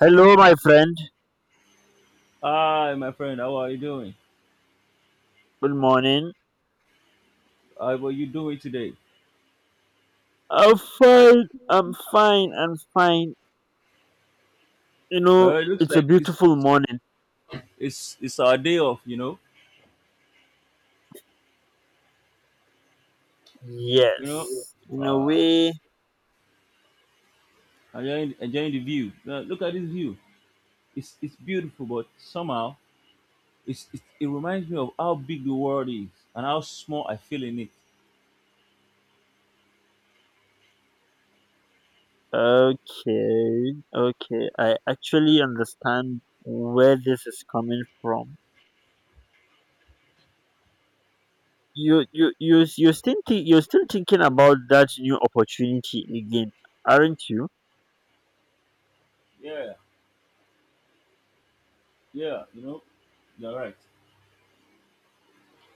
Hello, my friend. Hi, my friend. How are you doing? Good morning. How are you doing today? I'm fine. I'm fine. I'm fine. You know, Well, it looks it's a like it's beautiful it's morning. it's, it's our day off. You know. Yes. In a Uh, way. enjoying the view. Now, look at this view. It's beautiful, but somehow it's, it reminds me of how big the world is and how small I feel in it. Okay. Okay. I actually understand where this is coming from. You're still, you're still thinking about that new opportunity again, aren't you? Yeah, yeah. You know, you're right.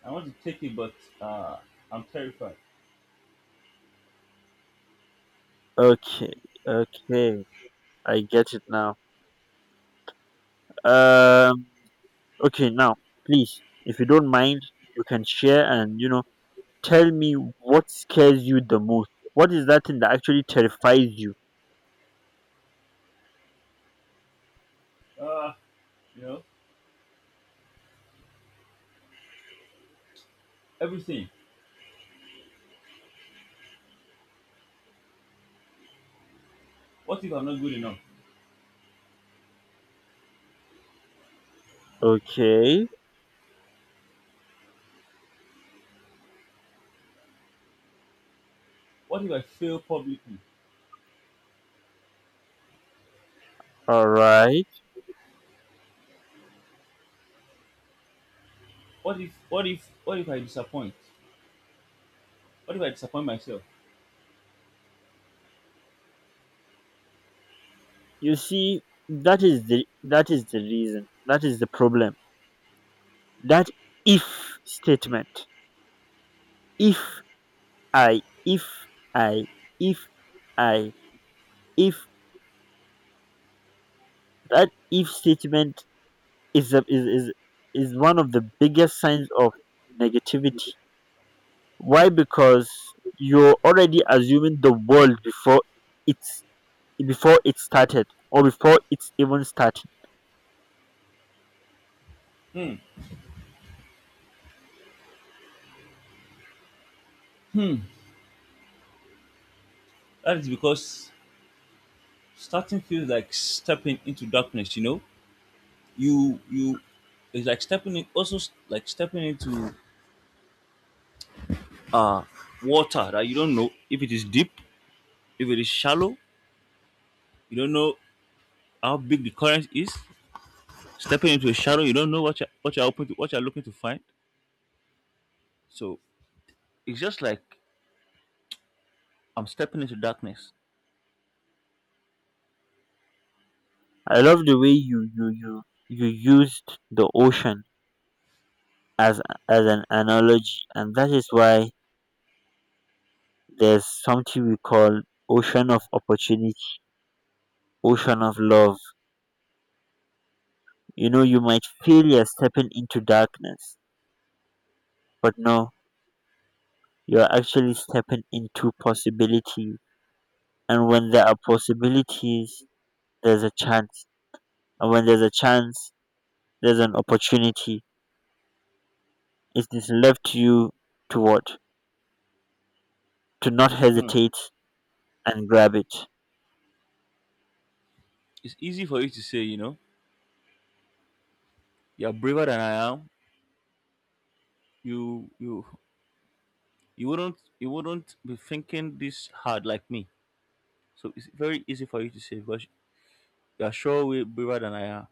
I want to take it, but uh, I'm terrified. Okay. Okay. I get it now. Um. Okay, now please, if you don't mind, you can share and tell me what scares you the most. What is that thing that actually terrifies you? Uh, you know, everything. What if I'm not good enough? Okay, What if I fail publicly? all right. What if I disappoint? What if I disappoint myself? You see, that is the reason. That is the problem. That if statement. If I, if I, if I, if that if statement is a, is is one of the biggest signs of negativity. Why? Because you're already assuming the world before it's before it started or before it's even starting. That is because starting feels like stepping into darkness, you know? You, it's like stepping in also like stepping into uh water that you don't know if it is deep, if it is shallow, you don't know how big the current is. Stepping into a shadow, you don't know what you're open to, what you're looking to find. So it's just like I'm stepping into darkness. I love the way you used the ocean as as an analogy, and that is why there's something we call ocean of opportunity, ocean of love. You know, you might feel you're stepping into darkness, but no, you're actually stepping into possibility. And when there are possibilities, there's a chance. And when there's a chance, there's an opportunity. It is left to you to what? To not Hmm. hesitate and grab it. It's easy for you to say, you know, you're braver than I am. You you you wouldn't you wouldn't be thinking this hard like me. So it's very easy for you to say, but you are sure way braver than I am.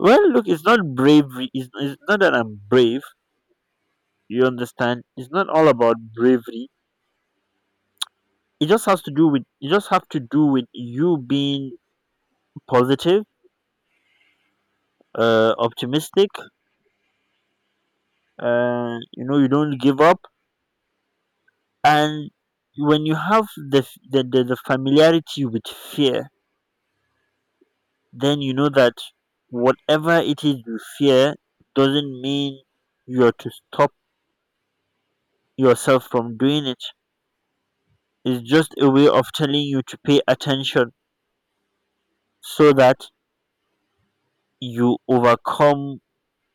Well, look, it's not bravery. It's not that I'm brave. You understand? It's not all about bravery. It just has to do with. You just have to do with you being positive, optimistic. You know, you don't give up, and when you have the familiarity with fear, then you know that whatever it is you fear doesn't mean you're to stop yourself from doing it. It's just a way of telling you to pay attention so that you overcome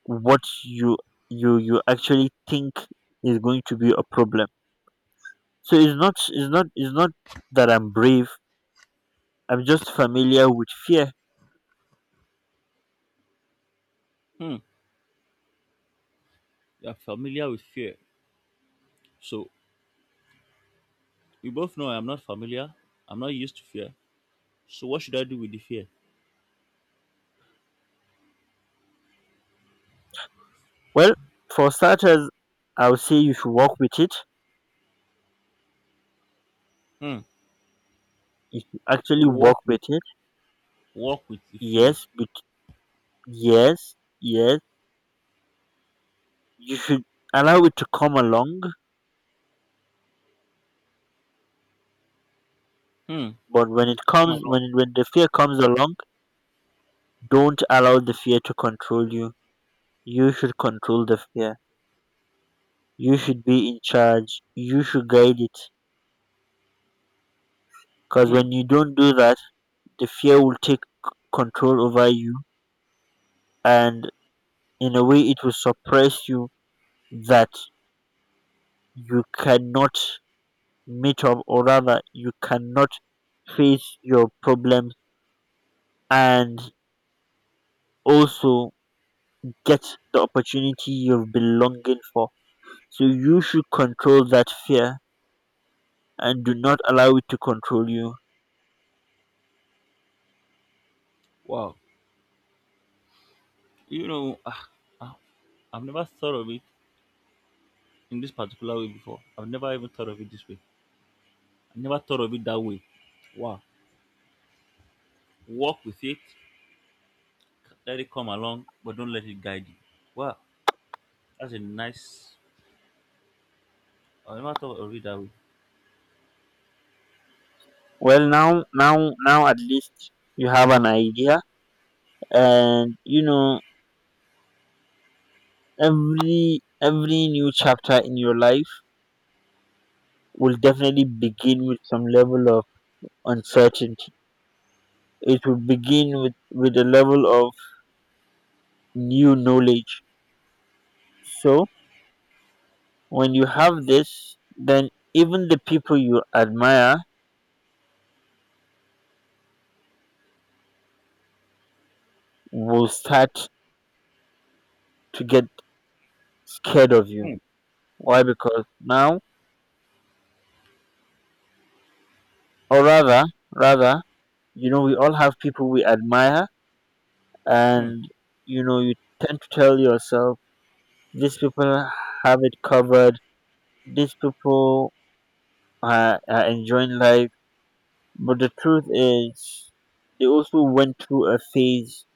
what you actually think is going to be a problem. So it's not that I'm brave. I'm just familiar with fear. Hmm. You are familiar with fear. So we both know I'm not familiar. I'm not used to fear. So what should I do with the fear? Well, for starters, I would say you should work with it. Hmm. If you actually work Walk with with it, walk with the fear. yes, be yes, you should allow it to come along, Hmm. but when it Come comes, when along. it, when the fear comes along, don't allow the fear to control you. You should control the fear. You should be in charge. You should guide it. Because Hmm. when you don't do that, the fear will take control over you, and in a way, it will suppress you that you cannot meet up, or rather, you cannot face your problems. And also, get the opportunity you've been longing for. So you should control that fear and do not allow it to control you. Wow. You know, ah, I've never thought of it in this particular way before. I've never even thought of it this way. I never thought of it that way. Wow. Walk with it. Let it come along, but don't let it guide you. Wow, that's a nice. I never thought of it that way. Well, now, at least you have an idea, and you know every new chapter in your life will definitely begin with some level of uncertainty. It will begin with a level of new knowledge. So when you have this, then even the people you admire will start to get scared of you. Hmm, Why? Because now, or rather, you know, we all have people we admire, hmm, and you know, you tend to tell yourself, these people have it covered. These people are enjoying life, but the truth is, they also went through a phase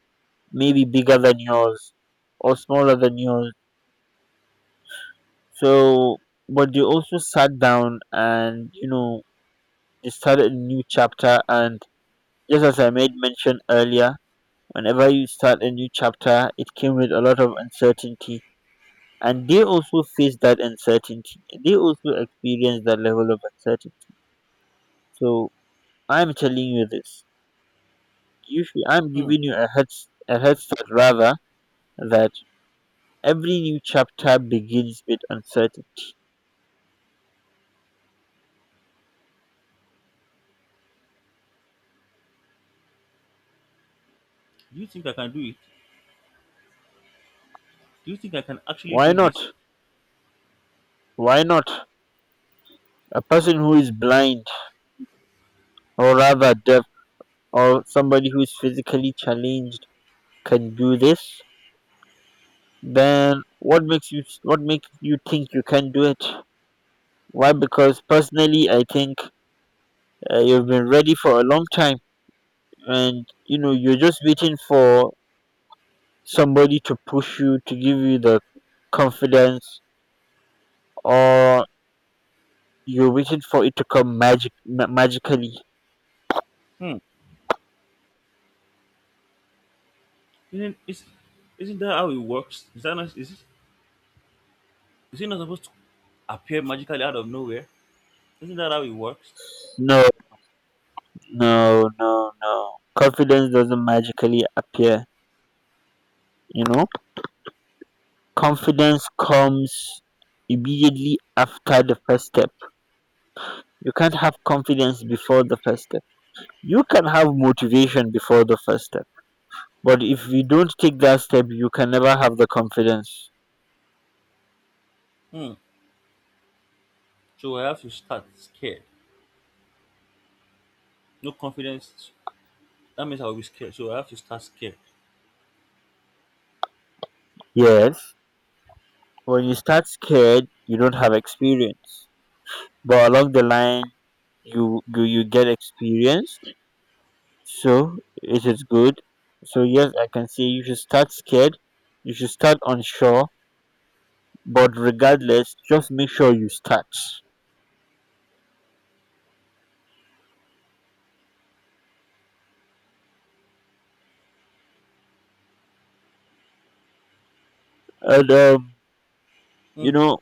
maybe bigger than yours or smaller than yours. So, but they also sat down and you know, they started a new chapter and just as I made mention earlier, whenever you start a new chapter, it came with a lot of uncertainty. And they also face that uncertainty. They also experience that level of uncertainty. So I'm telling you this. I'm hmm. giving you a head start rather, that every new chapter begins with uncertainty. Do you think I can do it? Do you think I can actually Why do not? this? Why not? A person who is blind or rather deaf or somebody who is physically challenged can do this. Then what makes you think you can do it? Why? Because personally, I think you've been ready for a long time, and you know you're just waiting for somebody to push you to give you the confidence, or you're waiting for it to come magically. Hmm. Isn't is, isn't that how it works? Is that not, is it not supposed to appear magically out of nowhere? Isn't that how it works? No, no, no, no. Confidence doesn't magically appear. You know, confidence comes immediately after the first step. You can't have confidence before the first step. You can have motivation before the first step. But if you don't take that step, you can never have the confidence. Hmm. So I have to start scared. No confidence. That means I will be scared. So I have to start scared. Yes, when you start scared, you don't have experience. But along the line, you get experience. So it is good. So yes, I can say you should start scared. You should start unsure. But regardless, just make sure you start. And you Hmm. know,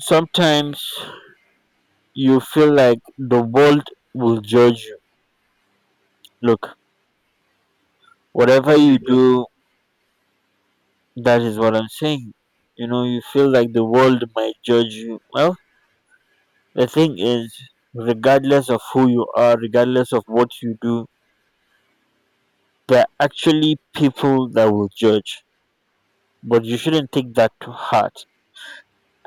sometimes you feel like the world will judge you. Look, whatever What if you they judge do, that is what I'm saying. You know, you feel like the world might judge you. Well, the thing is, regardless of who you are, regardless of what you do, there are actually people that will judge. But you shouldn't take that to heart.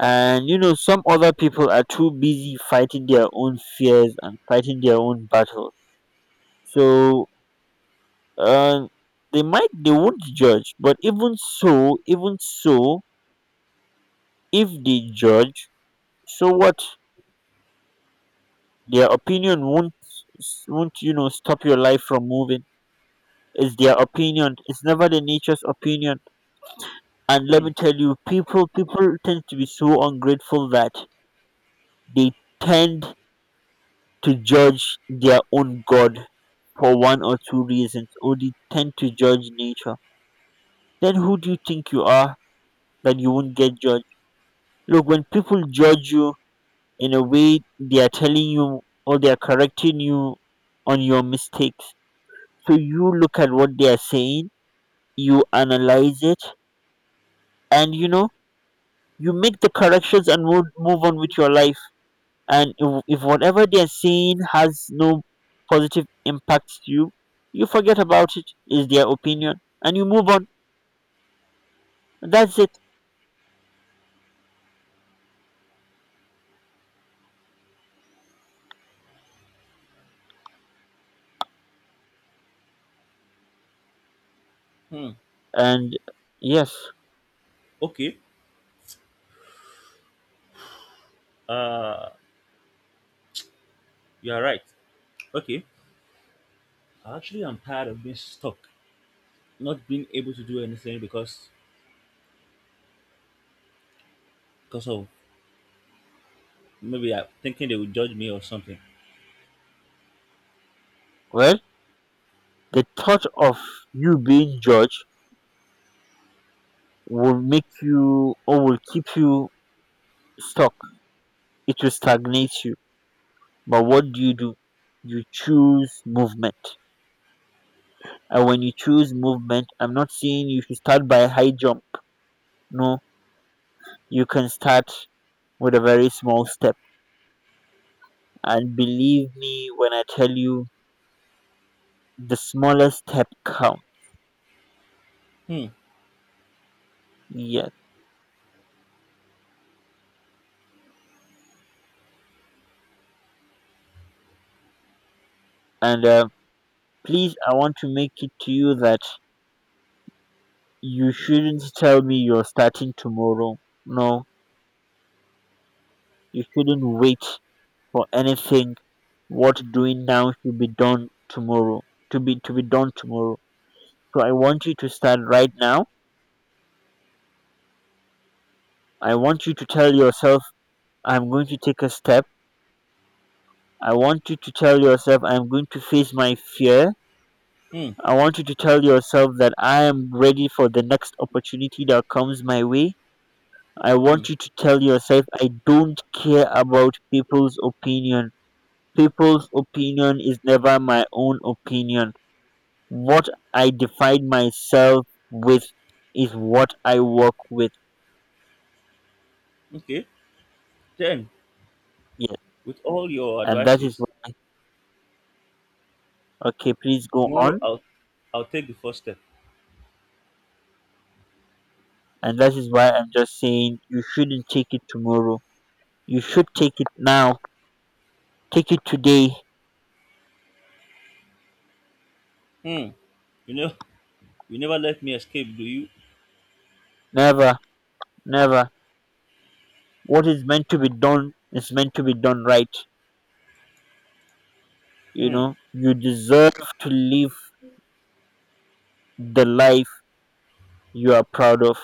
And you know, some other people are too busy fighting their own fears and fighting their own battle. So and they won't judge, but even so, if they judge, so what? Their opinion won't, you know, stop your life from moving. It's their opinion, it's never the nature's opinion. And let me me? tell you, people tend to be so ungrateful that they tend to judge their own god for one or two reasons, or they tend to judge nature. Then who do you think you are that you won't get judged? Look, when people judge you, in a way they are telling you, or they are correcting you on your mistakes. So you look at what they are saying, you analyze it, and you know, you make the corrections and move on with your life. And if whatever they are saying has no positive impact to you, you forget about it. Is their opinion, and you move on. That's it. Hmm. Hmm. And yes. Okay. Uh, you are right. Okay. Actually, I'm tired of being stuck, not being able to do anything because of maybe I'm thinking they will judge me or something. Well, the thought of you being judged will make you, or will keep you, stuck. It will stagnate you. But what do? You choose movement. And when you choose movement, I'm not saying you should start by high jump. No, you can start with a very small step. And believe me when I tell you, the smallest step counts. Hmm, Yes. And please, I want to make it to you that you shouldn't tell me you're starting tomorrow. No, you shouldn't wait for anything. What's doing now should be done tomorrow, to be done tomorrow. So I want you to start right now. I want you to tell yourself I'm going to take a step. I want you to tell yourself I'm going to face my fear. hmm, I want you to tell yourself that I am ready for the next opportunity that comes my way. I hmm. want you to tell yourself I don't care about people's opinion. People's opinion is never my own opinion. What I define myself with is what I work with. Okay. Then, Yes. with all your And that is advices, why, okay, please go tomorrow on. I'll take the first step. And that is why I'm just saying you shouldn't take it tomorrow. You should take it now. Take it today. Hmm. You know, you never let me escape, do you? Never, never. What is meant to be done is meant to be done right. You Hmm, know, you deserve to live the life you are proud of.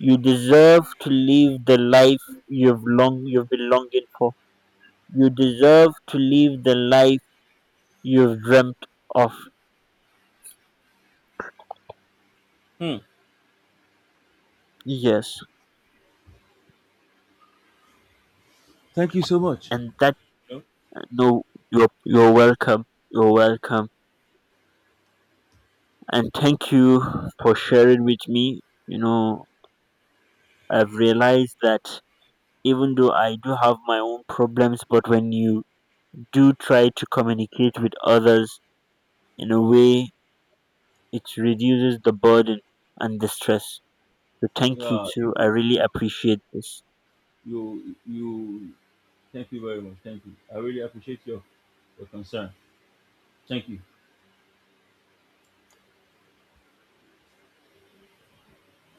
You deserve to live the life you've been longing for. You deserve to live the life you've dreamt of. hmm. Yes, Thank you so much. and that No? no, you're welcome. You're welcome, and thank you for sharing with me. You know, I've realized that even though I do have my own problems, but when you do try to communicate with others, in a way, it reduces the burden and the stress. So thank you Yeah, too. I you, really you, appreciate this. you, you. Thank you very much. Thank you. I really appreciate your concern. Thank you.